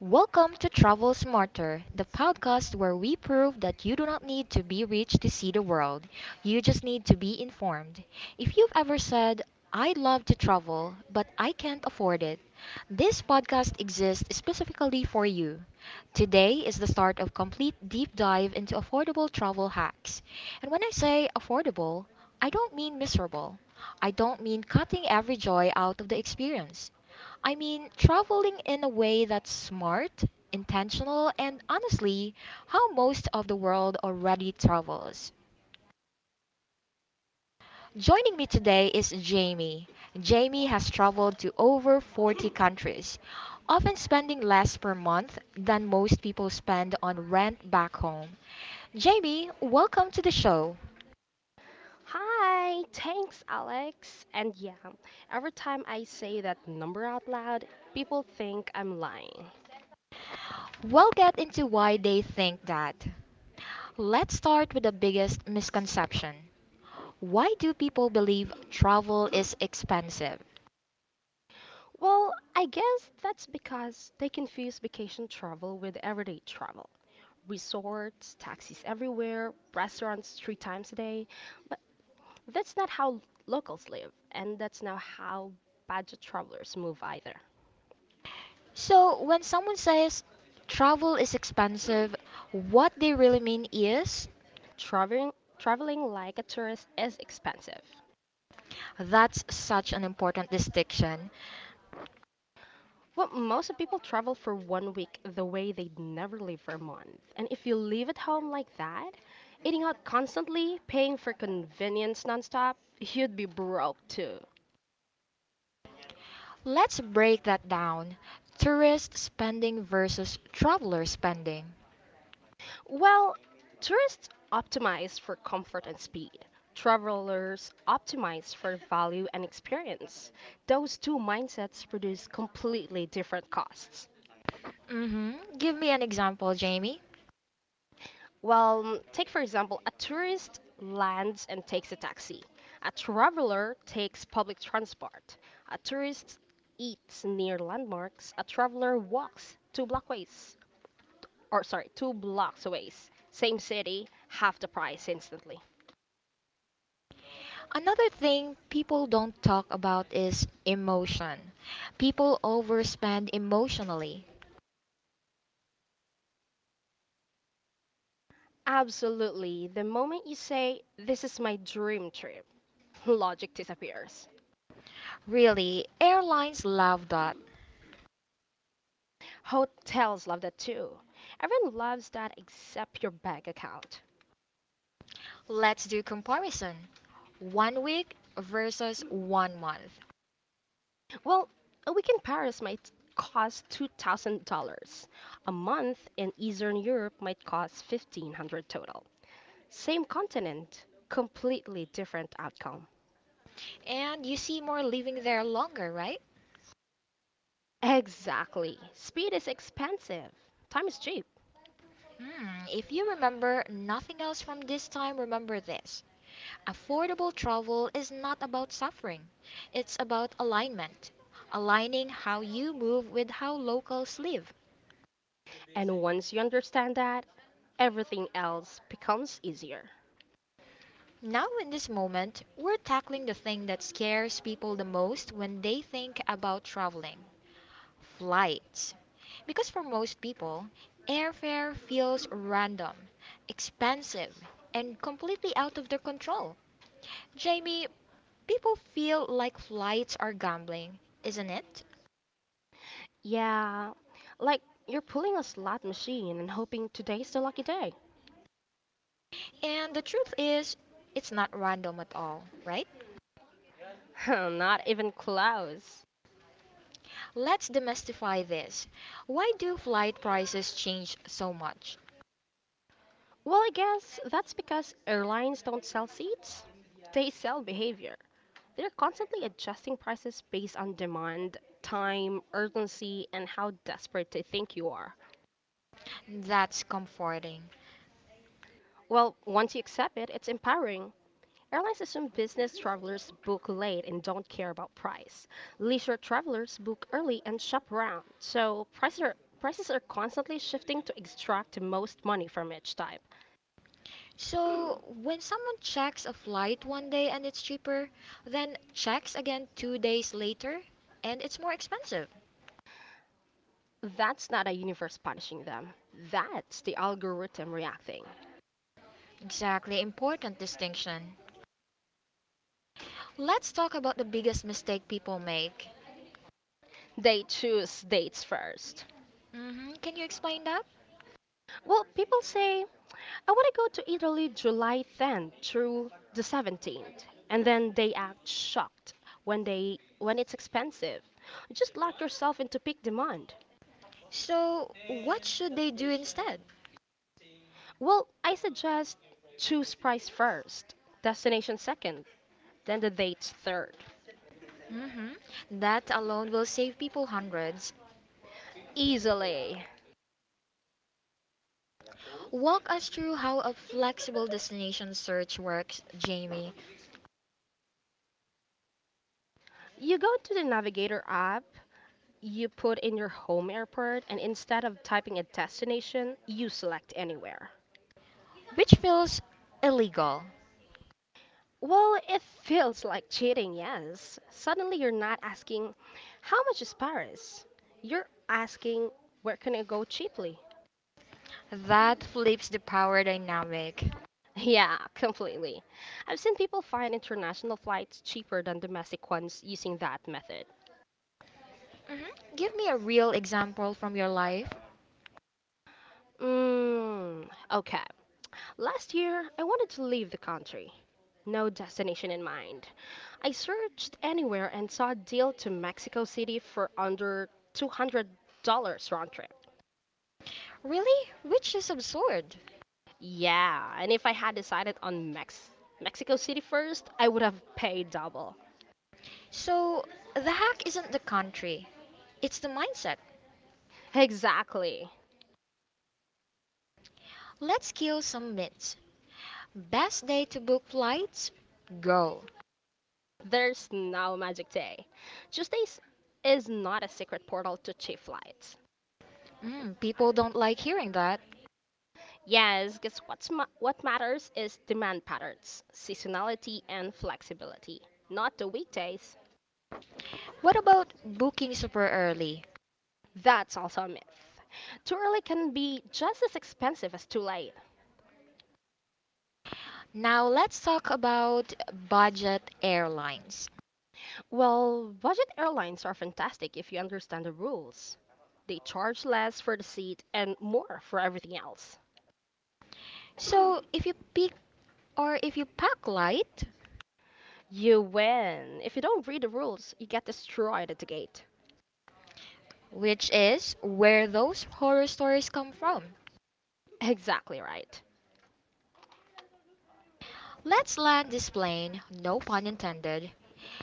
Welcome to Travel Smarter, the podcast where we prove that you do not need to be rich to see the world. You just need to be informed. If you've ever said, I'd love to travel, but I can't afford it, this podcast exists specifically for you. Today is the start of complete deep dive into affordable travel hacks. And when I say affordable, I don't mean miserable. I don't mean cutting every joy out of the experience. I mean traveling in a way that's smart, intentional, and honestly how most of the world already travels. Joining me today is Jamie. Jamie has traveled to over 40 countries, often spending less per month than most people spend on rent back home. Jamie, welcome to the show. Hi, thanks, Alex. And yeah, every time I say that number out loud, people think I'm lying. We'll get into why they think that. Let's start with the biggest misconception. Why do people believe travel is expensive? Well, I guess that's because they confuse vacation travel with everyday travel. Resorts, taxis everywhere, restaurants 3 times a day. But that's not how locals live, and that's not how budget travelers move either. So, when someone says travel is expensive, what they really mean is. Traveling, traveling like a tourist is expensive. That's such an important distinction. Well, most of people travel for 1 week the way they'd never leave for a month. And if you live at home like that, eating out constantly, paying for convenience nonstop, you'd be broke too. Let's break that down: tourist spending versus traveler spending. Well, tourists optimize for comfort and speed. Travelers optimize for value and experience. Those two mindsets produce completely different costs. hmm Give me an example, Jamie. Well, take for example, a tourist lands and takes a taxi. A traveler takes public transport. A tourist eats near landmarks. A traveler walks two blockways, or sorry, 2 blocks away. Same city, half the price instantly. Another thing people don't talk about is emotion. People overspend emotionally. Absolutely. The moment you say, this is my dream trip, logic disappears. Really, airlines love that. Hotels love that too. Everyone loves that except your bank account. Let's do comparison. One week versus one month. Well, a week in Paris might cost $2,000. A month in Eastern Europe might cost 1,500 total. Same continent, completely different outcome. And you see more living there longer, right? Exactly. Speed is expensive, time is cheap. If you remember nothing else from this time, remember this. Affordable travel is not about suffering, it's about alignment. Aligning how you move with how locals live. And once you understand that, everything else becomes easier. Now, in this moment, we're tackling the thing that scares people the most when they think about traveling flights. Because for most people, airfare feels random, expensive, and completely out of their control. Jamie, people feel like flights are gambling, isn't it? Yeah, like you're pulling a slot machine and hoping today's the lucky day. And the truth is, it's not random at all, right? Not even close. Let's demystify this. Why do flight prices change so much? Well, I guess that's because airlines don't sell seats. They sell behavior. They're constantly adjusting prices based on demand, time, urgency, and how desperate they think you are. That's comforting. Well, once you accept it, it's empowering. Airlines assume business travelers book late and don't care about price. Leisure travelers book early and shop around. So prices are constantly shifting to extract the most money from each time. So, when someone checks a flight one day and it's cheaper, then checks again 2 days later and it's more expensive. That's not a universe punishing them. That's the algorithm reacting. Exactly, important distinction. Let's talk about the biggest mistake people make. They choose dates first. Can you explain that? Well, people say, I want to go to Italy July 10th through the 17th. And then they act shocked when it's expensive. Just lock yourself into peak demand. So, what should they do instead? Well, I suggest choose price first, destination second, then the dates third. hmm That alone will save people hundreds. Easily. Walk us through how a flexible destination search works, Jamie, You go to the Navigator app. You put in your home airport, and instead of typing a destination, you select anywhere. which feels illegal. Well, it feels like cheating, yes. Suddenly you're not asking, how much is Paris? You're asking, where can I go cheaply? That flips the power dynamic. Yeah, completely. I've seen people find international flights cheaper than domestic ones using that method. Give me a real example from your life. Okay. Last year, I wanted to leave the country. No destination in mind. I searched anywhere and saw a deal to Mexico City for under $200 round trip. Really? Which is absurd. Yeah, and if I had decided on Mexico City first, I would have paid double. So, the hack isn't the country, it's the mindset. Exactly. Let's kill some myths. Best day to book flights? Go. There's no magic day. Tuesdays is not a secret portal to cheap flights. People don't like hearing that. Yes, because what matters is demand patterns, seasonality, and flexibility, not the weekdays. What about booking super early? That's also a myth. Too early can be just as expensive as too late. Now let's talk about budget airlines. Well, budget airlines are fantastic if you understand the rules. They charge less for the seat and more for everything else. So if you pack light, You win. If you don't read the rules, you get destroyed at the gate. which is where those horror stories come from. Exactly right. Let's land this plane, no pun intended.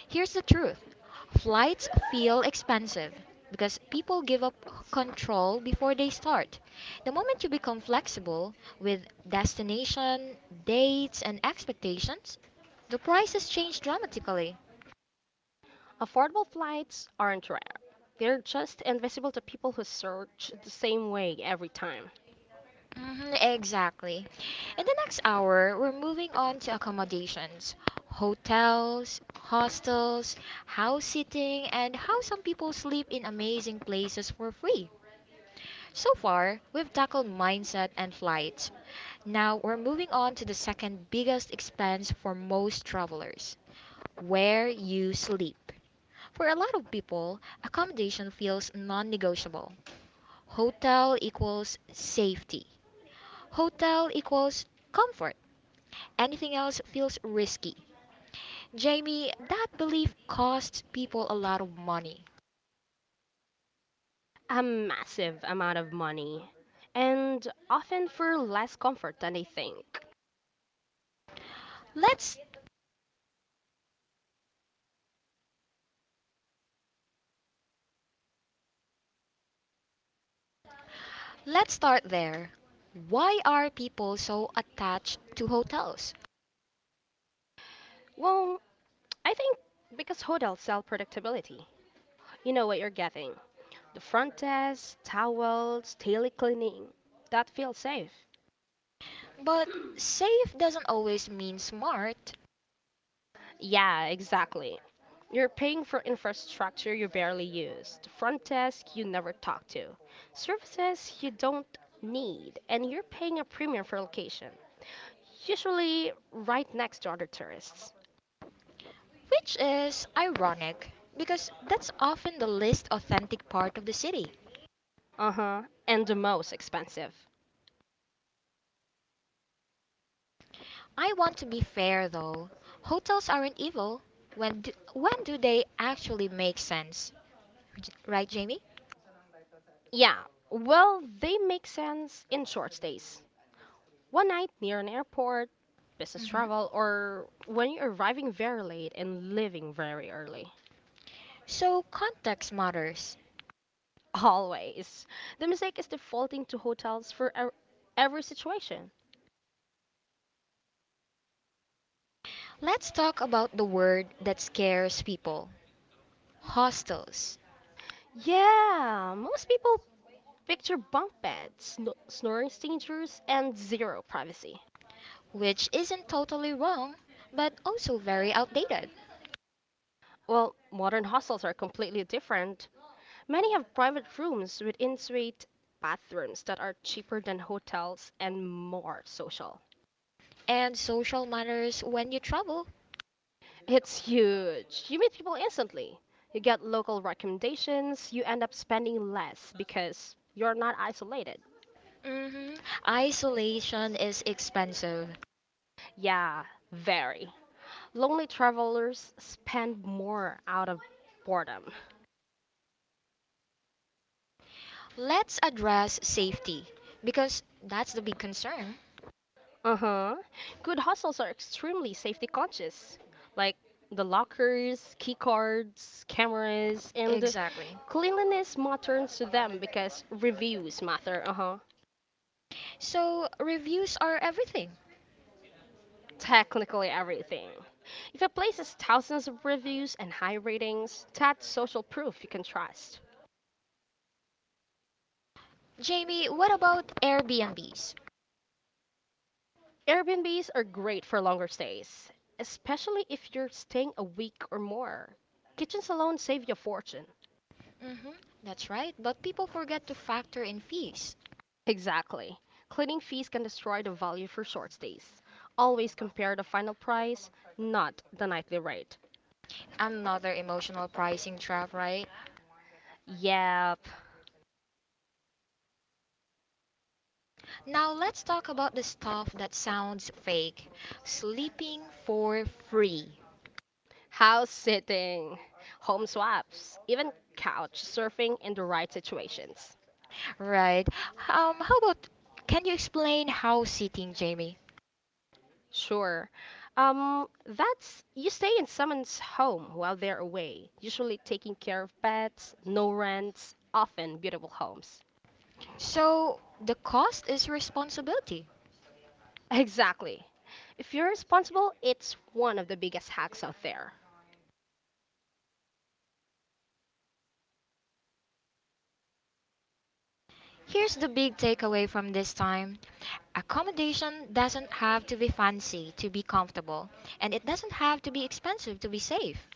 Here's the truth. Flights feel expensive because people give up control before they start. The moment you become flexible with destination, dates, and expectations, the prices change dramatically. Affordable flights aren't rare. They're just invisible to people who search the same way every time. Mhm, exactly. In the next hour, we're moving on to accommodations: hotels, hostels, house sitting, and how some people sleep in amazing places for free. So far, we've tackled mindset and flights. Now, we're moving on to the second biggest expense for most travelers: where you sleep. For a lot of people, accommodation feels non negotiable. Hotel equals safety. Hotel equals comfort. Anything else feels risky. Jamie, that belief costs people a lot of money. A massive amount of money, and often for less comfort than they think. Let's let's start there. Why are people so attached to hotels? Well, I think because hotels sell predictability. You know what you're getting, the front desk, towels, daily cleaning. That feels safe. But safe doesn't always mean smart, Yeah, exactly. You're paying for infrastructure you barely used, front desk you never talk to, services you don't need, and you're paying a premium for location, usually right next to other tourists. which is ironic because that's often the least authentic part of the city. Uh huh, and the most expensive. I want to be fair though. Hotels aren't evil. When do they actually make sense? Right, Jamie? Yeah, well, they make sense in short stays. One night near an airport, business travel, or when you're arriving very late and leaving very early. So context matters. Always. The mistake is defaulting to hotels for every situation. Let's talk about the word that scares people: hostels, Yeah, most people picture bunk beds, snoring strangers, and zero privacy. which isn't totally wrong, but also very outdated. Well, modern hostels are completely different. Many have private rooms with in-suite bathrooms that are cheaper than hotels and more social. And social matters when you travel. It's huge. You meet people instantly. You get local recommendations. You end up spending less because you're not isolated. hmm Isolation is expensive. Yeah, very. Lonely travelers spend more out of boredom. Let's address safety, because that's the big concern. Uh huh. Good hostels are extremely safety conscious, like the lockers, key cards, cameras, and Exactly. cleanliness matters to them because reviews matter. Uh huh. So, reviews are everything. Technically, everything. If a place has thousands of reviews and high ratings, that's social proof you can trust. Jamie, what about Airbnbs? Airbnbs are great for longer stays, especially if you're staying a week or more. Kitchens alone save you a fortune. hmm That's right, but people forget to factor in fees. Exactly. Cleaning fees can destroy the value for short stays. Always compare the final price, not the nightly rate. Another emotional pricing trap, right? Yep. Now let's talk about the stuff that sounds fake. Sleeping for free, House sitting, home swaps, even couch surfing in the right situations. right? How about can you explain house sitting, Jamie? Sure. That's you stay in someone's home while they're away, usually taking care of pets, no rents, often beautiful homes. So the cost is responsibility. Exactly. If you're responsible, it's one of the biggest hacks out there. Here's the big takeaway from this time. Accommodation doesn't have to be fancy to be comfortable, and it doesn't have to be expensive to be safe.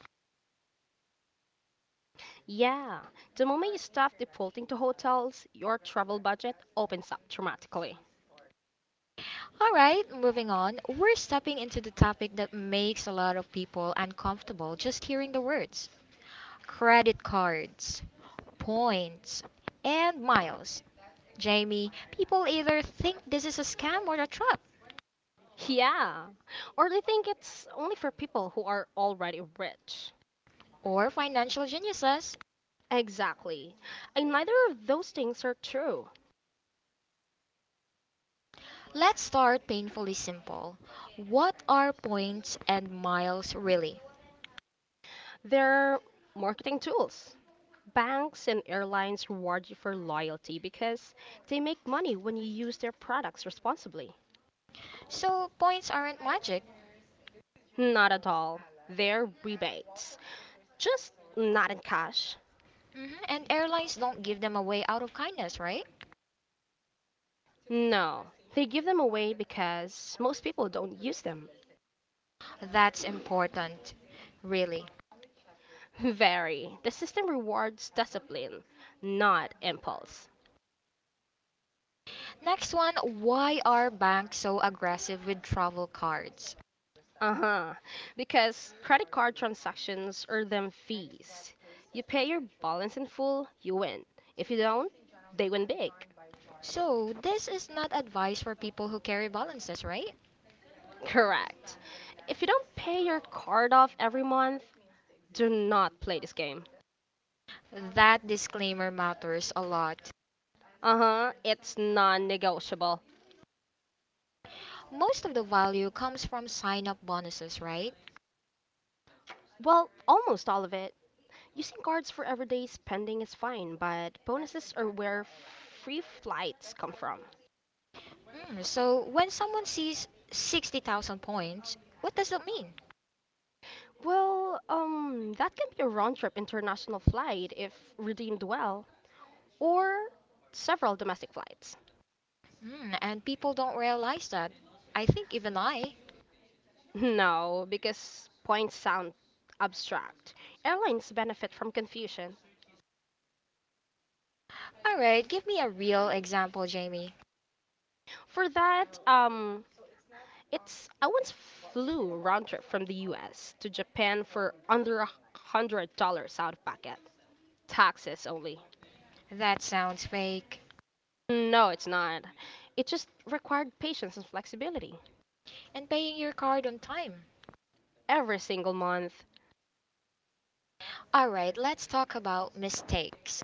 Yeah, the moment you stop defaulting to hotels, your travel budget opens up dramatically. All right, moving on. We're stepping into the topic that makes a lot of people uncomfortable just hearing the words: credit cards, points, and miles. Jamie, people either think this is a scam or a trap, Yeah, or they think it's only for people who are already rich. or financial geniuses. Exactly. And neither of those things are true. Let's start painfully simple. What are points and miles really? There are marketing tools. Banks and airlines reward you for loyalty because they make money when you use their products responsibly. So, points aren't magic, Not at all. They're rebates. Just not in cash. And airlines don't give them away out of kindness, right? No. They give them away because most people don't use them. That's important, really. Very. The system rewards discipline, not impulse. Next one, why are banks so aggressive with travel cards? Uh-huh. Because credit card transactions earn them fees. You pay your balance in full, you win. If you don't, they win big. So, this is not advice for people who carry balances, right? Correct. If you don't pay your card off every month, do not play this game. That disclaimer matters a lot. Uh-huh. It's non-negotiable. Most of the value comes from sign up bonuses, right? Well, almost all of it. Using cards for everyday spending is fine, but bonuses are where free flights come from. So, when someone sees 60,000 points, what does that mean? Well, that can be a round trip international flight if redeemed well, or several domestic flights. And people don't realize that. I think even I. No, because points sound abstract. Airlines benefit from confusion. Alright, give me a real example, Jamie. For that, it's I once flew round trip from the U.S. to Japan for under $100 out of pocket, taxes only. That sounds fake. No, it's not. It just required patience and flexibility. And paying your card on time. Every single month. All right, let's talk about mistakes.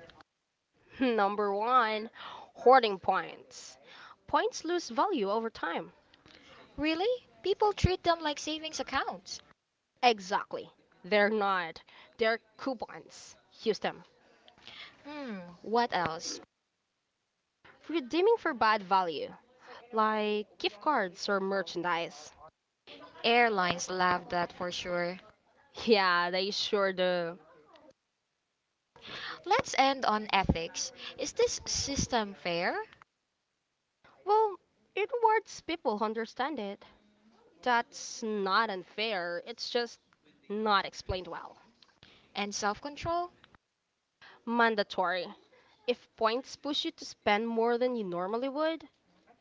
Number one, hoarding points. Points lose value over time. Really? People treat them like savings accounts. Exactly. They're not. They're coupons. Use them. What else? Redeeming for bad value, like gift cards or merchandise. Airlines love that for sure. Yeah, they sure do. Let's end on ethics. Is this system fair Well, it rewards people who understand it. That's not unfair, it's just not explained well. and self control? Mandatory. If points push you to spend more than you normally would,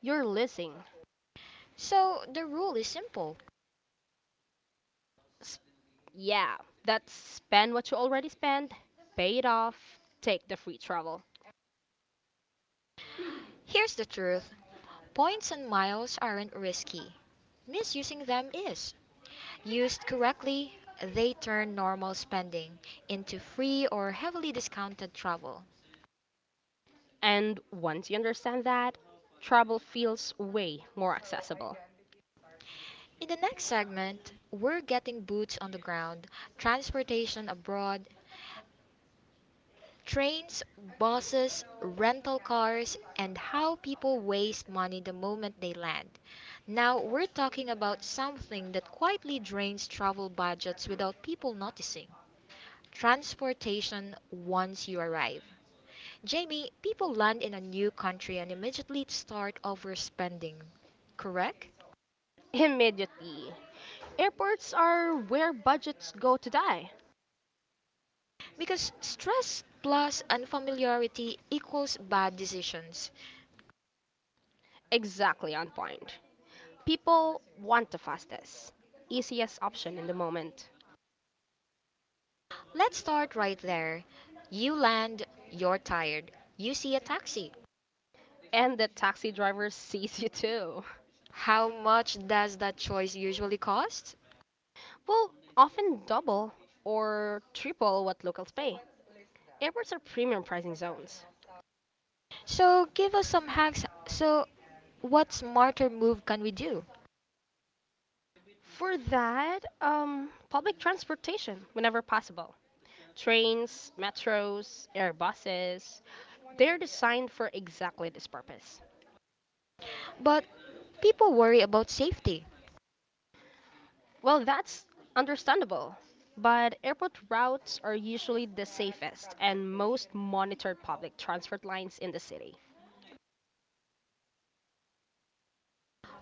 you're losing. So, the rule is simple. S- yeah, that's spend what you already spent, pay it off, take the free travel. Here's the truth: points and miles aren't risky, misusing them is. Used correctly, they turn normal spending into free or heavily discounted travel. And once you understand that, travel feels way more accessible. In the next segment, we're getting boots on the ground: transportation abroad, trains, buses, rental cars, and how people waste money the moment they land. Now, we're talking about something that quietly drains travel budgets without people noticing: transportation once you arrive. Jamie, people land in a new country and immediately start overspending, correct? Immediately. Airports are where budgets go to die. Because stress plus unfamiliarity equals bad decisions. Exactly on point. People want the fastest, easiest option in the moment. Let's start right there. You land, you're tired, you see a taxi. And the taxi driver sees you too. How much does that choice usually cost? Well, often double or triple what locals pay. Airports are premium pricing zones. So give us some hacks. So, what smarter move can we do? For that, public transportation whenever possible. Trains, metros, airbuses, they're designed for exactly this purpose. But people worry about safety. Well, that's understandable. But airport routes are usually the safest and most monitored public transport lines in the city.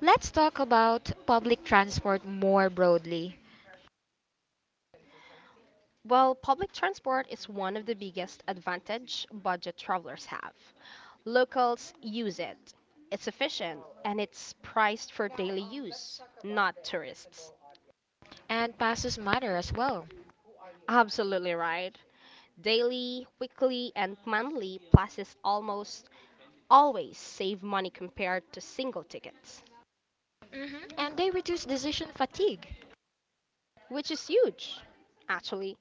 Let's talk about public transport more broadly. Well, public transport is one of the biggest advantage budget travelers have. Locals use it. It's efficient and it's priced for daily use, not tourists. And passes matter as well. Absolutely right. Daily, weekly, and monthly passes almost always save money compared to single tickets, And they reduce decision fatigue. which is huge. Actually,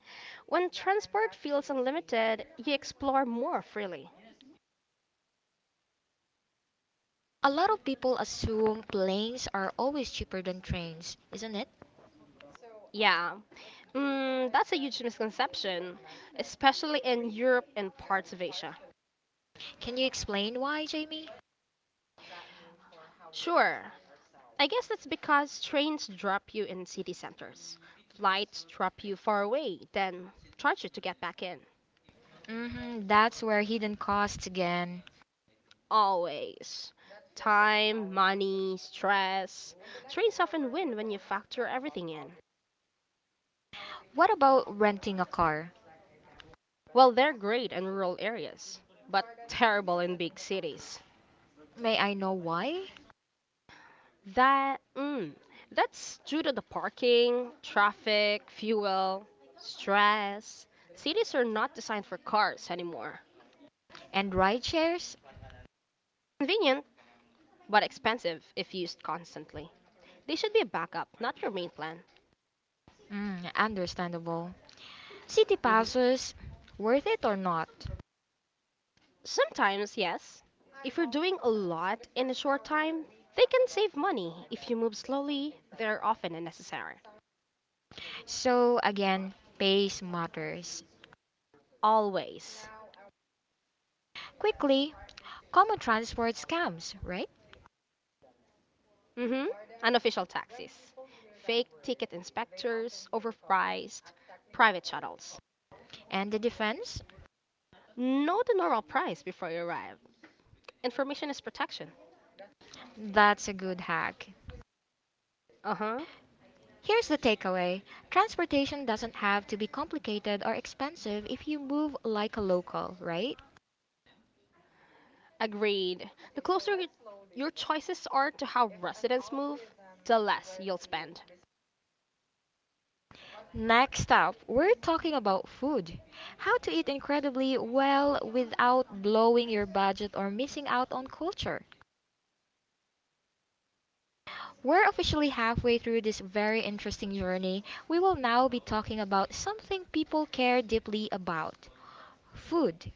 when transport feels unlimited, you explore more freely. A lot of people assume planes are always cheaper than trains, isn't it? Yeah, that's a huge misconception, especially in Europe and parts of Asia. Can you explain why, Jamie? Sure, I guess that's because trains drop you in city centers, flights drop you far away, then charge you to get back in. Mm hmm that's where hidden costs again. Always. Time, money, stress. Trains often win when you factor everything in. What about renting a car? Well, they're great in rural areas, but terrible in big cities. May I know why? That, mm, that's due to the parking, traffic, fuel, stress. Cities are not designed for cars anymore. And ride shares? Convenient, but expensive if used constantly. They should be a backup, not your main plan. Understandable. City Hmm. passes? Worth it or not? Sometimes, yes. If you're doing a lot in a short time, they can save money. If you move slowly, they're often unnecessary. So again, pace matters. Always. Quickly, common transport scams, right? Mm-hmm. Unofficial taxis. Fake ticket inspectors, overpriced, private shuttles. And the defense? Know the normal price before you arrive. Information is protection. That's a good hack. Uh huh. Here's the takeaway: transportation doesn't have to be complicated or expensive if you move like a local, right? Agreed. The closer y- your choices are to how residents move, the less you'll spend. Next up, we're talking about food. How to eat incredibly well without blowing your budget or missing out on culture. We're officially halfway through this very interesting journey. We will now be talking about something people care deeply about. Food.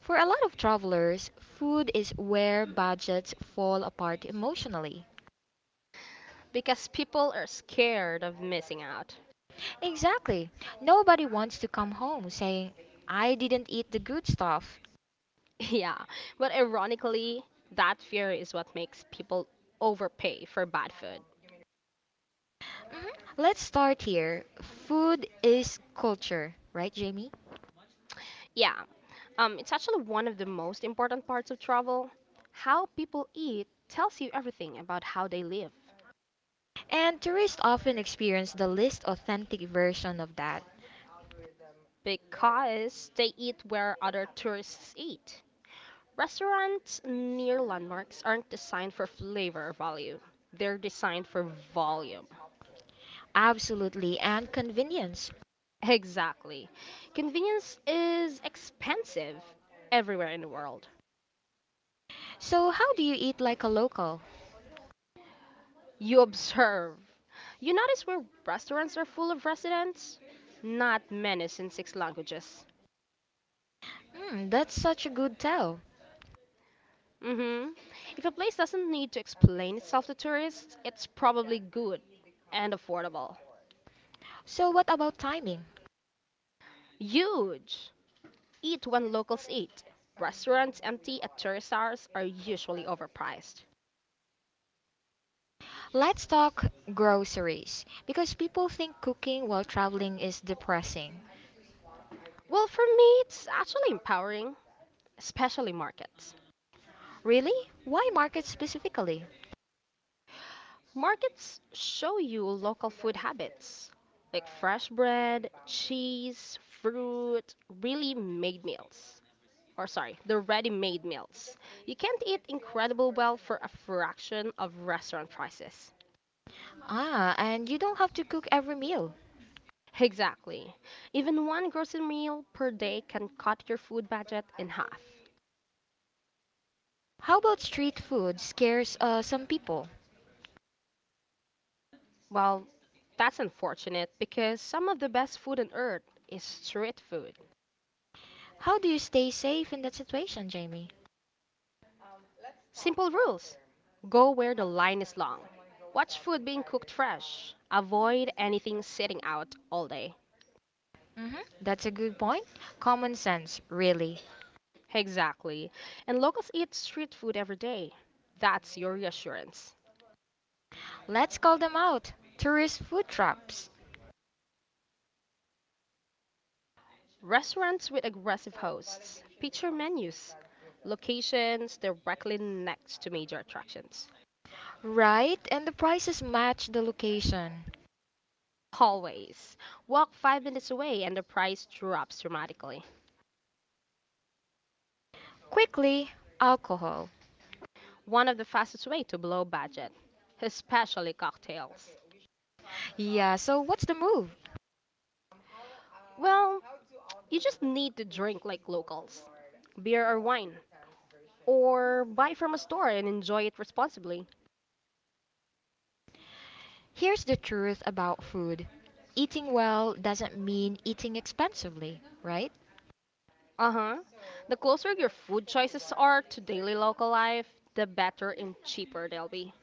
For a lot of travelers, food is where budgets fall apart emotionally. Because people are scared of missing out. Exactly. Nobody wants to come home saying, I didn't eat the good stuff. Yeah, but ironically, that fear is what makes people overpay for bad food. Mhm. Let's start here. Food is culture, right, Jamie? Yeah, it's actually one of the most important parts of travel. How people eat tells you everything about how they live And tourists often experience the least authentic version of that. because they eat where other tourists eat. Restaurants near landmarks aren't designed for flavor or value, they're designed for volume. Absolutely, and convenience. Exactly. Convenience is expensive everywhere in the world. So, how do you eat like a local? You observe. You notice where restaurants are full of residents? Not menus in six languages. That's such a good tell. Hmm. If a place doesn't need to explain itself to tourists, it's probably good and affordable. So, what about timing? Huge! Eat when locals eat. Restaurants empty at tourist hours are usually overpriced. Let's talk groceries, because people think cooking while traveling is depressing. Well, for me, it's actually empowering, especially markets. Really? Why market specifically? Markets show you local food habits, like fresh bread, cheese, fruit, really made meals. Or sorry, the ready-made meals. You can't eat incredible well for a fraction of restaurant prices. Ah, and you don't have to cook every meal. Exactly. Even one grocery meal per day can cut your food budget in half. How about street food scares some people? Well, that's unfortunate because some of the best food on earth is street food. How do you stay safe in that situation, Jamie? Simple rules. Go where the line is long. Watch food being cooked fresh. Avoid anything sitting out all day. That's a good point. Common sense, really. Exactly. And locals eat street food every day. That's your reassurance. Let's call them out. Tourist food traps. Restaurants with aggressive hosts. Picture menus. Locations directly next to major attractions. Right, and the prices match the location. Always. Walk 5 minutes away and the price drops dramatically. Quickly, alcohol. One of the fastest way to blow budget, especially cocktails. Yeah, so what's the move? Well, you just need to drink like locals, beer or wine, or buy from a store and enjoy it responsibly. Here's the truth about food: eating well doesn't mean eating expensively, right? Uh huh. The closer your food choices are to daily local life, the better and cheaper they'll be.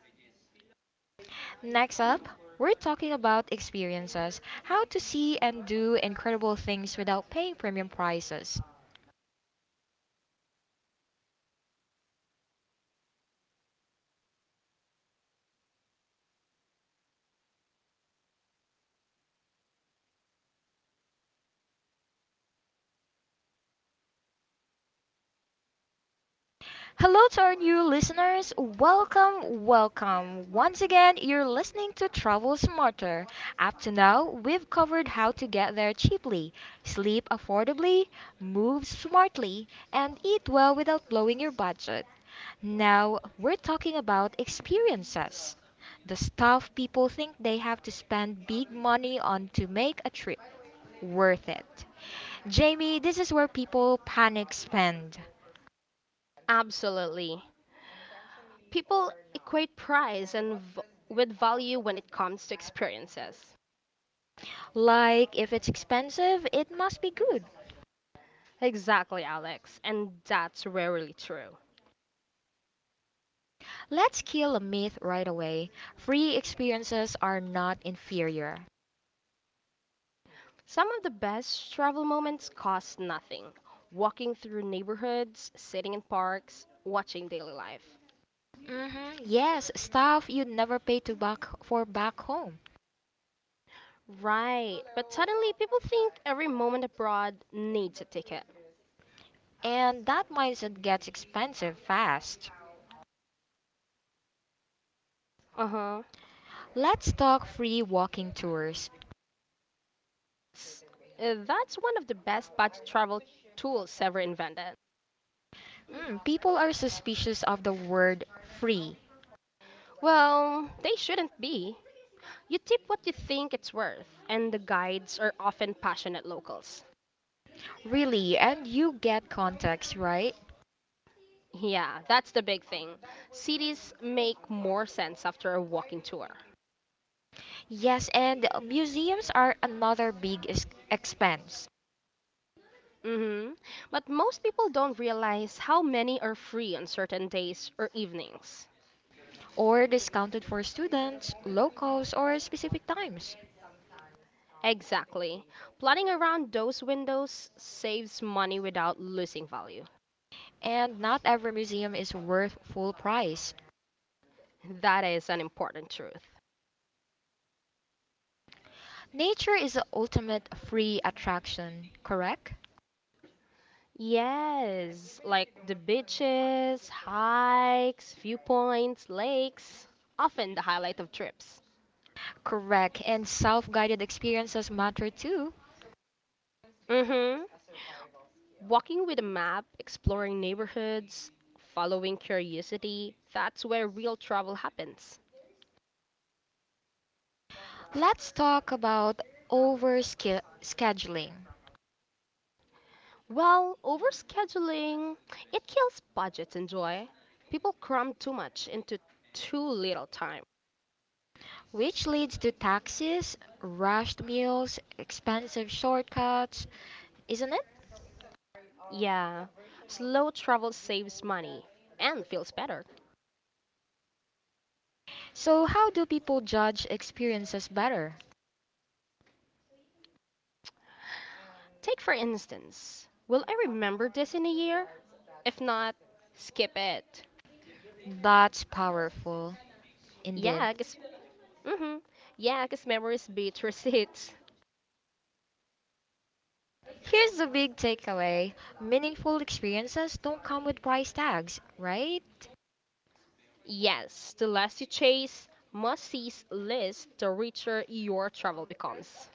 Next up, we're talking about experiences, how to see and do incredible things without paying premium prices. Hello to our new listeners. Welcome, welcome. Once again, you're listening to Travel Smarter. Up to now, we've covered how to get there cheaply, sleep affordably, move smartly, and eat well without blowing your budget. Now we're talking about experiences, the stuff people think they have to spend big money on to make a trip worth it. Jamie, this is where people panic spend. Absolutely. People equate price and with value when it comes to experiences. Like, if it's expensive, it must be good. Exactly, Alex, and that's rarely true. Let's kill a myth right away. Free experiences are not inferior. Some of the best travel moments cost nothing, walking through neighborhoods, sitting in parks, watching daily life. Yes, stuff you'd never pay to back for back home. Right, but suddenly people think every moment abroad needs a ticket. And that mindset gets expensive fast. Uh huh. Let's talk free walking tours. That's one of the best budget travel tools ever invented. People are suspicious of the word free. Well, they shouldn't be. You tip what you think it's worth, and the guides are often passionate locals. Really, and you get context, right? Yeah, that's the big thing. Cities make more sense after a walking tour. Yes, and museums are another big expense Hmm. But most people don't realize how many are free on certain days or evenings. or discounted for students, locals, or specific times. Exactly. Planning around those windows saves money without losing value. And not every museum is worth full price. That is an important truth. Nature is the ultimate free attraction, correct? Yes, like the beaches, hikes, viewpoints, lakes, often the highlight of trips. Correct, and self guided experiences matter too. Mm-hmm. Walking with a map, exploring neighborhoods, following curiosity, that's where real travel happens. Let's talk about over scheduling, Well, overscheduling, it kills budgets and joy. People cram too much into too little time. which leads to taxis, rushed meals, expensive shortcuts, isn't it? Yeah, slow travel saves money and feels better. So, how do people judge experiences better? Take for instance, will I remember this in a year? If not, skip it. That's powerful, indeed. Yeah, mm-hmm. Yeah, 'cause memories beat receipts. Here's the big takeaway: meaningful experiences don't come with price tags, right? Yes, the less you chase must-sees list, the richer your travel becomes.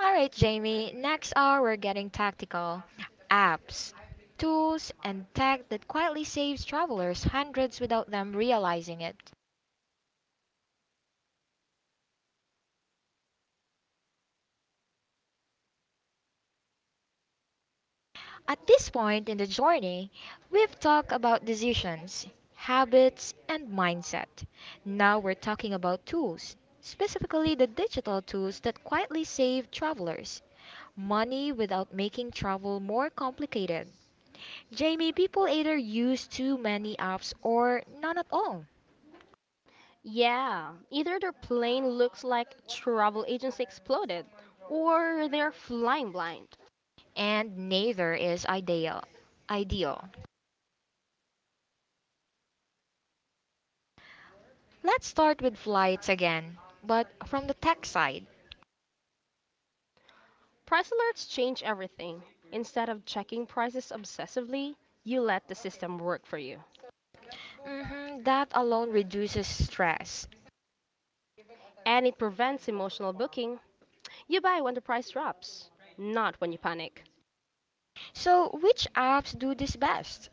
Alright, Jamie, next hour we're getting tactical. Apps, tools, and tech that quietly saves travelers hundreds without them realizing it. At this point in the journey, we've talked about decisions, habits, and mindset. Now we're talking about tools, specifically the digital tools that quietly save travelers money without making travel more complicated. Jamie, people either use too many apps or none at all, Yeah, either their plane looks like travel agency exploded, or they're flying blind. and neither is ideal. Ideal. Let's start with flights again, but from the tech side. Price alerts change everything. Instead of checking prices obsessively, you let the system work for you. Mhm, that alone reduces stress. And it prevents emotional booking. You buy when the price drops, not when you panic. So which apps do this best?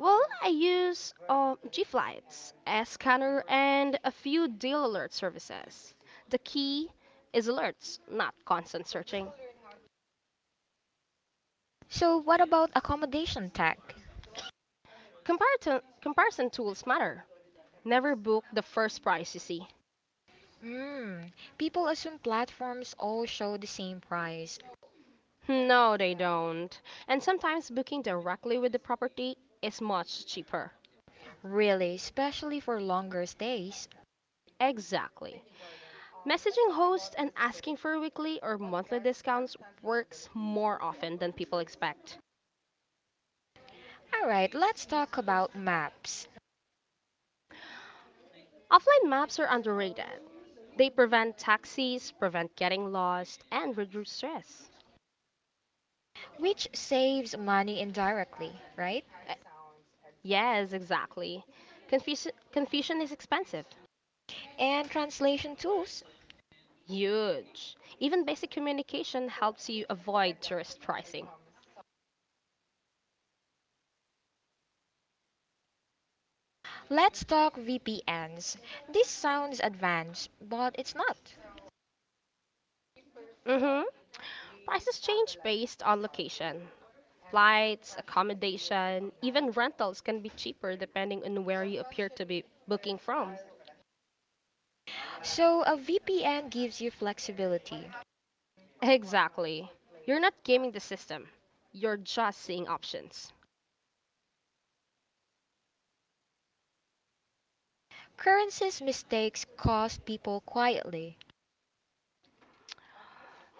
Well, I use G Flights, S Scanner, and a few deal alert services. The key is alerts, not constant searching. So what about accommodation tech? Comparison tools matter, never book the first price you see. Hmm, people assume platforms all show the same price. No, they don't. And sometimes booking directly with the property is much cheaper. Really, especially for longer stays. Exactly. Messaging hosts and asking for weekly or monthly discounts works more often than people expect. All right, let's talk about maps, Offline maps are underrated. They prevent taxis, prevent getting lost, and reduce stress. which saves money indirectly, right? Eh, Yes, exactly. Confusion is expensive. And translation tools. Huge. Even basic communication helps you avoid tourist pricing. Let's talk VPNs. This sounds advanced, but it's not. Mm-hmm. Prices change based on location. Flights, accommodation, even rentals can be cheaper depending on where you appear to be booking from. So, a VPN gives you flexibility. Exactly. You're not gaming the system, you're just seeing options. Currencies mistakes cost people quietly.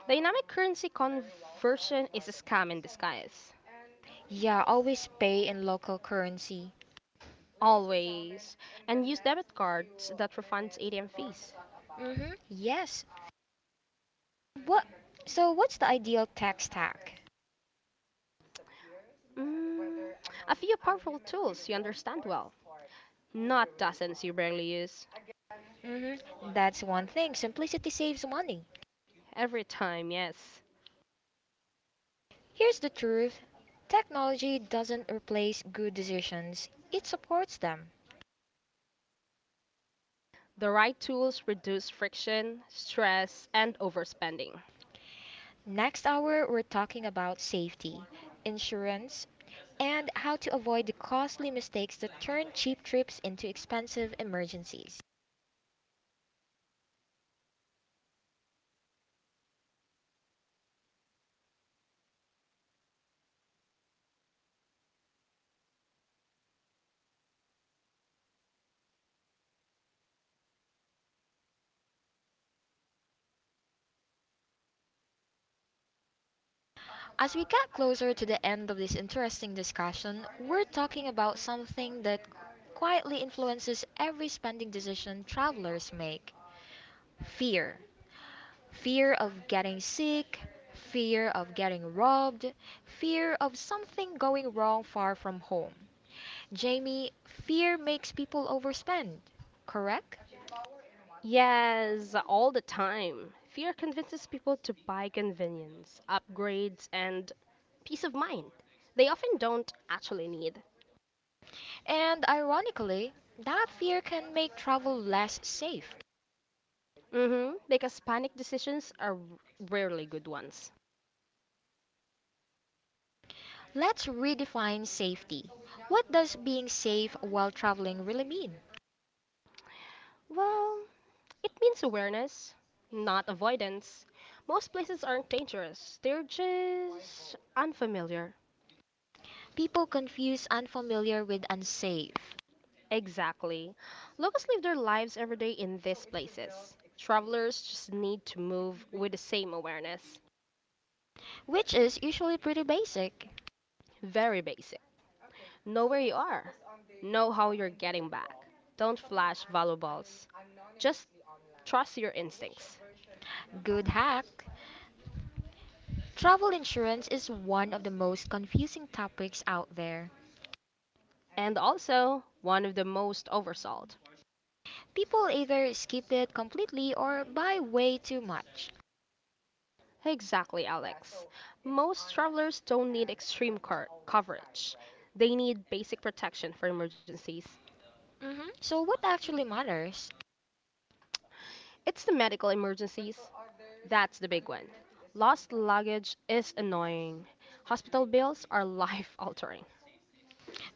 Dynamic currency conversion is a scam in disguise. Yeah, always pay in local currency. Always. And use debit cards that refunds ATM fees. Mhm. Yes. What So what's the ideal tax stack? Mm, a few powerful tools you understand well, not dozens you barely use. Mhm. That's one thing. Simplicity saves money. Every time, yes. Here's the truth. Technology doesn't replace good decisions. It supports them. The right tools reduce friction, stress, and overspending. Next hour we're talking about safety, insurance, and how to avoid the costly mistakes that turn cheap trips into expensive emergencies. As we get closer to the end of this interesting discussion, we're talking about something that quietly influences every spending decision travelers make: fear. Fear of getting sick, fear of getting robbed, fear of something going wrong far from home. Jamie, fear makes people overspend, correct? Yes, all the time. Fear convinces people to buy convenience, upgrades, and peace of mind they often don't actually need. And ironically, that fear can make travel less safe. Hmm. Because panic decisions are rarely good ones. Let's redefine safety. What does being safe while traveling really mean? Well, it means awareness, not avoidance. Most places aren't dangerous, they're just unfamiliar. People confuse unfamiliar with unsafe, Exactly. Locals live their lives every day in these places. Travelers just need to move with the same awareness. which is usually pretty basic. Very basic. Know where you are. Know how you're getting back. Don't flash valuables. Just trust your instincts. Good hack. Travel insurance is one of the most confusing topics out there. And also, one of the most oversold. People either skip it completely or buy way too much. Exactly, Alex. Most travelers don't need extreme coverage. They need basic protection for emergencies. Hmm. So, what actually matters? It's the medical emergencies. That's the big one. Lost luggage is annoying. Hospital bills are life altering.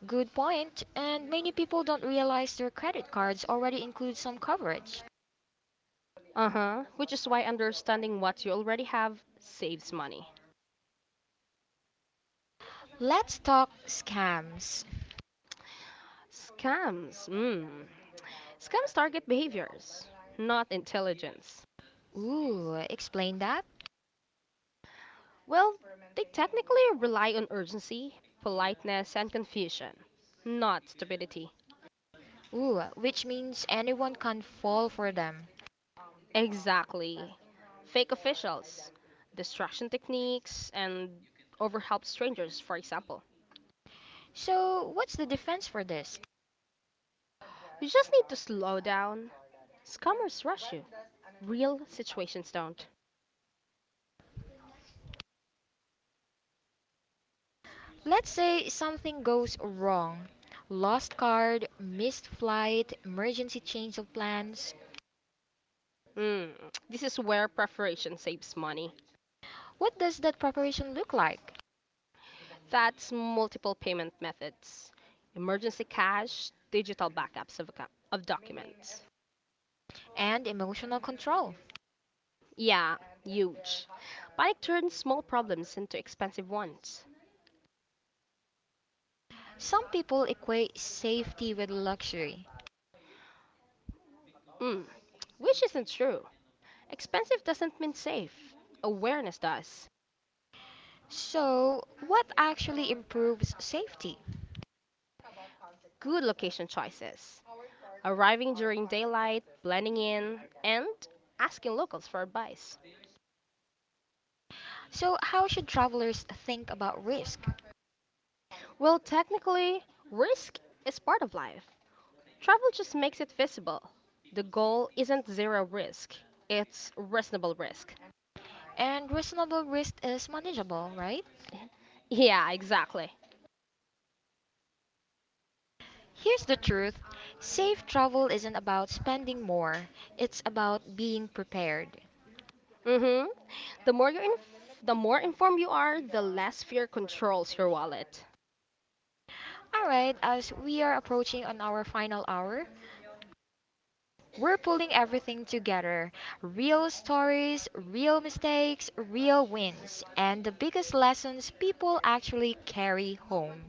Good point, and many people don't realize their credit cards already include some coverage. Uh huh. Which is why understanding what you already have saves money. Let's talk scams. Scams. Mm. Scams target behaviors, not intelligence. Ooh, explain that. Well, they technically rely on urgency, politeness, and confusion, not stupidity. Ooh, which means anyone can fall for them. Exactly. Fake officials, distraction techniques, and overhelped strangers, for example. So, what's the defense for this? You just need to slow down. Scammers rush you. Real situations don't. Let's say something goes wrong. Lost card, missed flight, emergency change of plans. Mm, this is where preparation saves money. What does that preparation look like? That's multiple payment methods, emergency cash, digital backups of, account, of documents. And emotional control. Yeah, huge. Panic turns small problems into expensive ones. Some people equate safety with luxury. Mm, which isn't true. Expensive doesn't mean safe. Awareness does. So, what actually improves safety? Good location choices. Arriving during daylight, blending in, and asking locals for advice. So, how should travelers think about risk? Well, technically, risk is part of life. Travel just makes it visible. The goal isn't zero risk, it's reasonable risk. And reasonable risk is manageable, right? Yeah, exactly. Here's the truth: safe travel isn't about spending more, it's about being prepared. Hmm. The more informed you are, the less fear controls your wallet. Alright, as we are approaching on our final hour, we're pulling everything together: real stories, real mistakes, real wins, and the biggest lessons people actually carry home.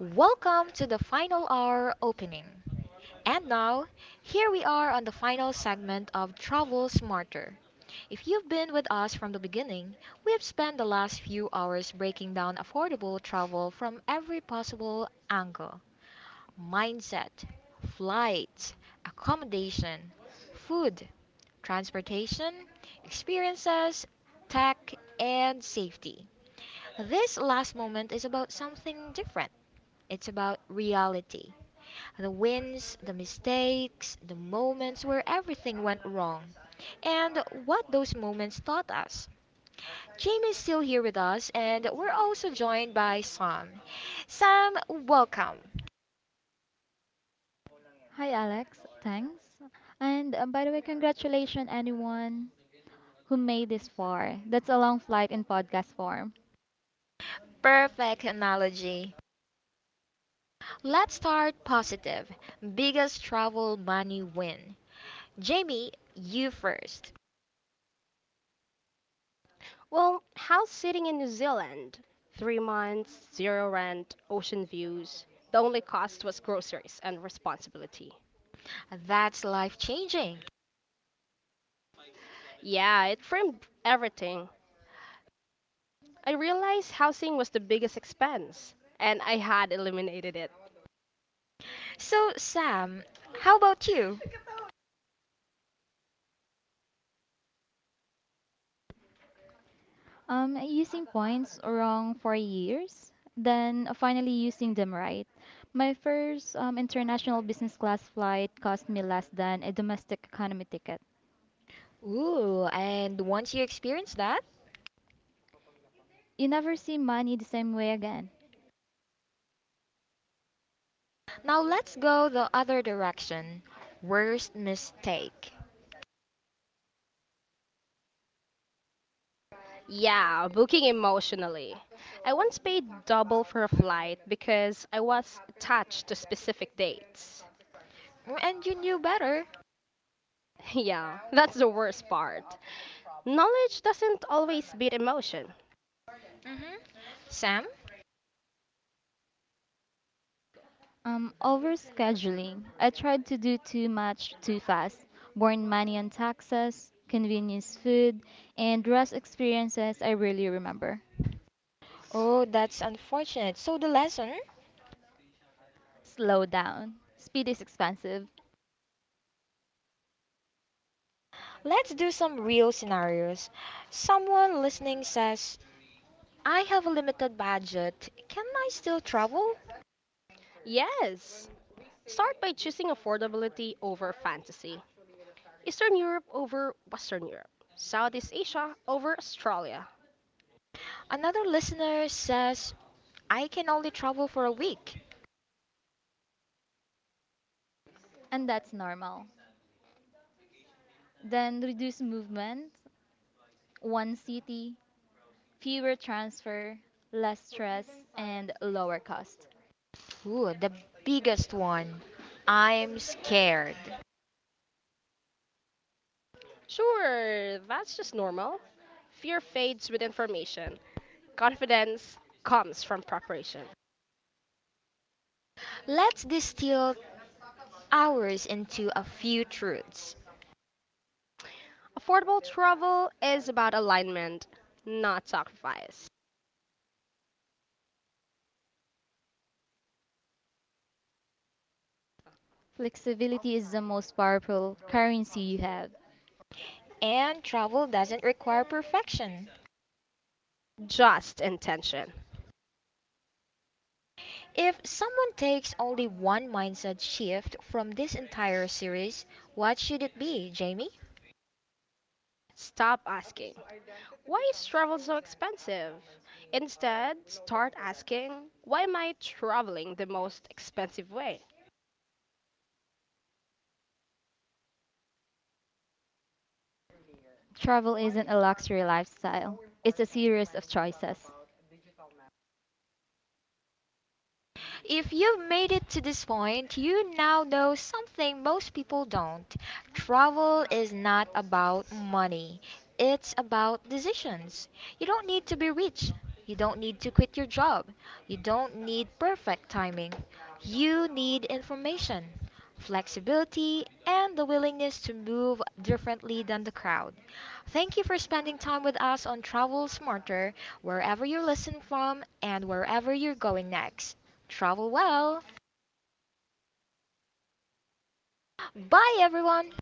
Welcome to the final hour opening. And now, here we are on the final segment of Travel Smarter. If you've been with us from the beginning, we have spent the last few hours breaking down affordable travel from every possible angle: mindset, flights, accommodation, food, transportation, experiences, tech, and safety. This last moment is about something different: it's about reality. The wins, the mistakes, the moments where everything went wrong, and what those moments taught us. Jamie's still here with us, and we're also joined by Sam. Sam, welcome. Hi, Alex. Thanks. And by the way, congratulations anyone who made this far. That's a long flight in podcast form. Perfect analogy. Let's start positive. Biggest travel money win. Jamie, you first. Well, house sitting in New Zealand. 3 months, zero rent, ocean views. The only cost was groceries and responsibility. That's life changing. Yeah, it framed everything. I realized housing was the biggest expense, and I had eliminated it. So, Sam, how about you? Using points wrong for years, then finally using them right. My first international business class flight cost me less than a domestic economy ticket. Ooh, and once you experience that. You never see money the same way again. Now let's go the other direction. Worst mistake. Yeah, booking emotionally. I once paid double for a flight because I was attached to specific dates. And you knew better. Yeah, that's the worst part. Knowledge doesn't always beat emotion. Hmm. Sam? Overscheduling. I tried to do too much too fast. Born money on taxes, convenience food, and rest experiences I really remember. Oh, that's unfortunate. So, the lesson? Slow down. Speed is expensive. Let's do some real scenarios. Someone listening says, I have a limited budget. Can I still travel? Yes. Start by choosing affordability over fantasy. Eastern Europe over Western Europe, Southeast Asia over Australia. Another listener says, I can only travel for a week. And that's normal. Then reduce movement, one city, fewer transfer, less stress, and lower cost. Ooh, the biggest one. I'm scared. Sure, that's just normal. Fear fades with information. Confidence comes from preparation. Let's distill ours into a few truths. Affordable travel is about alignment, not sacrifice. Flexibility is the most powerful currency you have. And travel doesn't require perfection. Just intention. If someone takes only one mindset shift from this entire series, what should it be, Jamie? Stop asking, why is travel so expensive? Instead, start asking, why am I traveling the most expensive way? Travel isn't a luxury lifestyle, it's a series of choices. If you've made it to this point, you now know something most people don't. Travel is not about money, it's about decisions. You don't need to be rich. You don't need to quit your job. You don't need perfect timing. You need information, flexibility, and the willingness to move differently than the crowd. Thank you for spending time with us on Travel Smarter, wherever you're listening from and wherever you're going next. Travel well. Bye, everyone.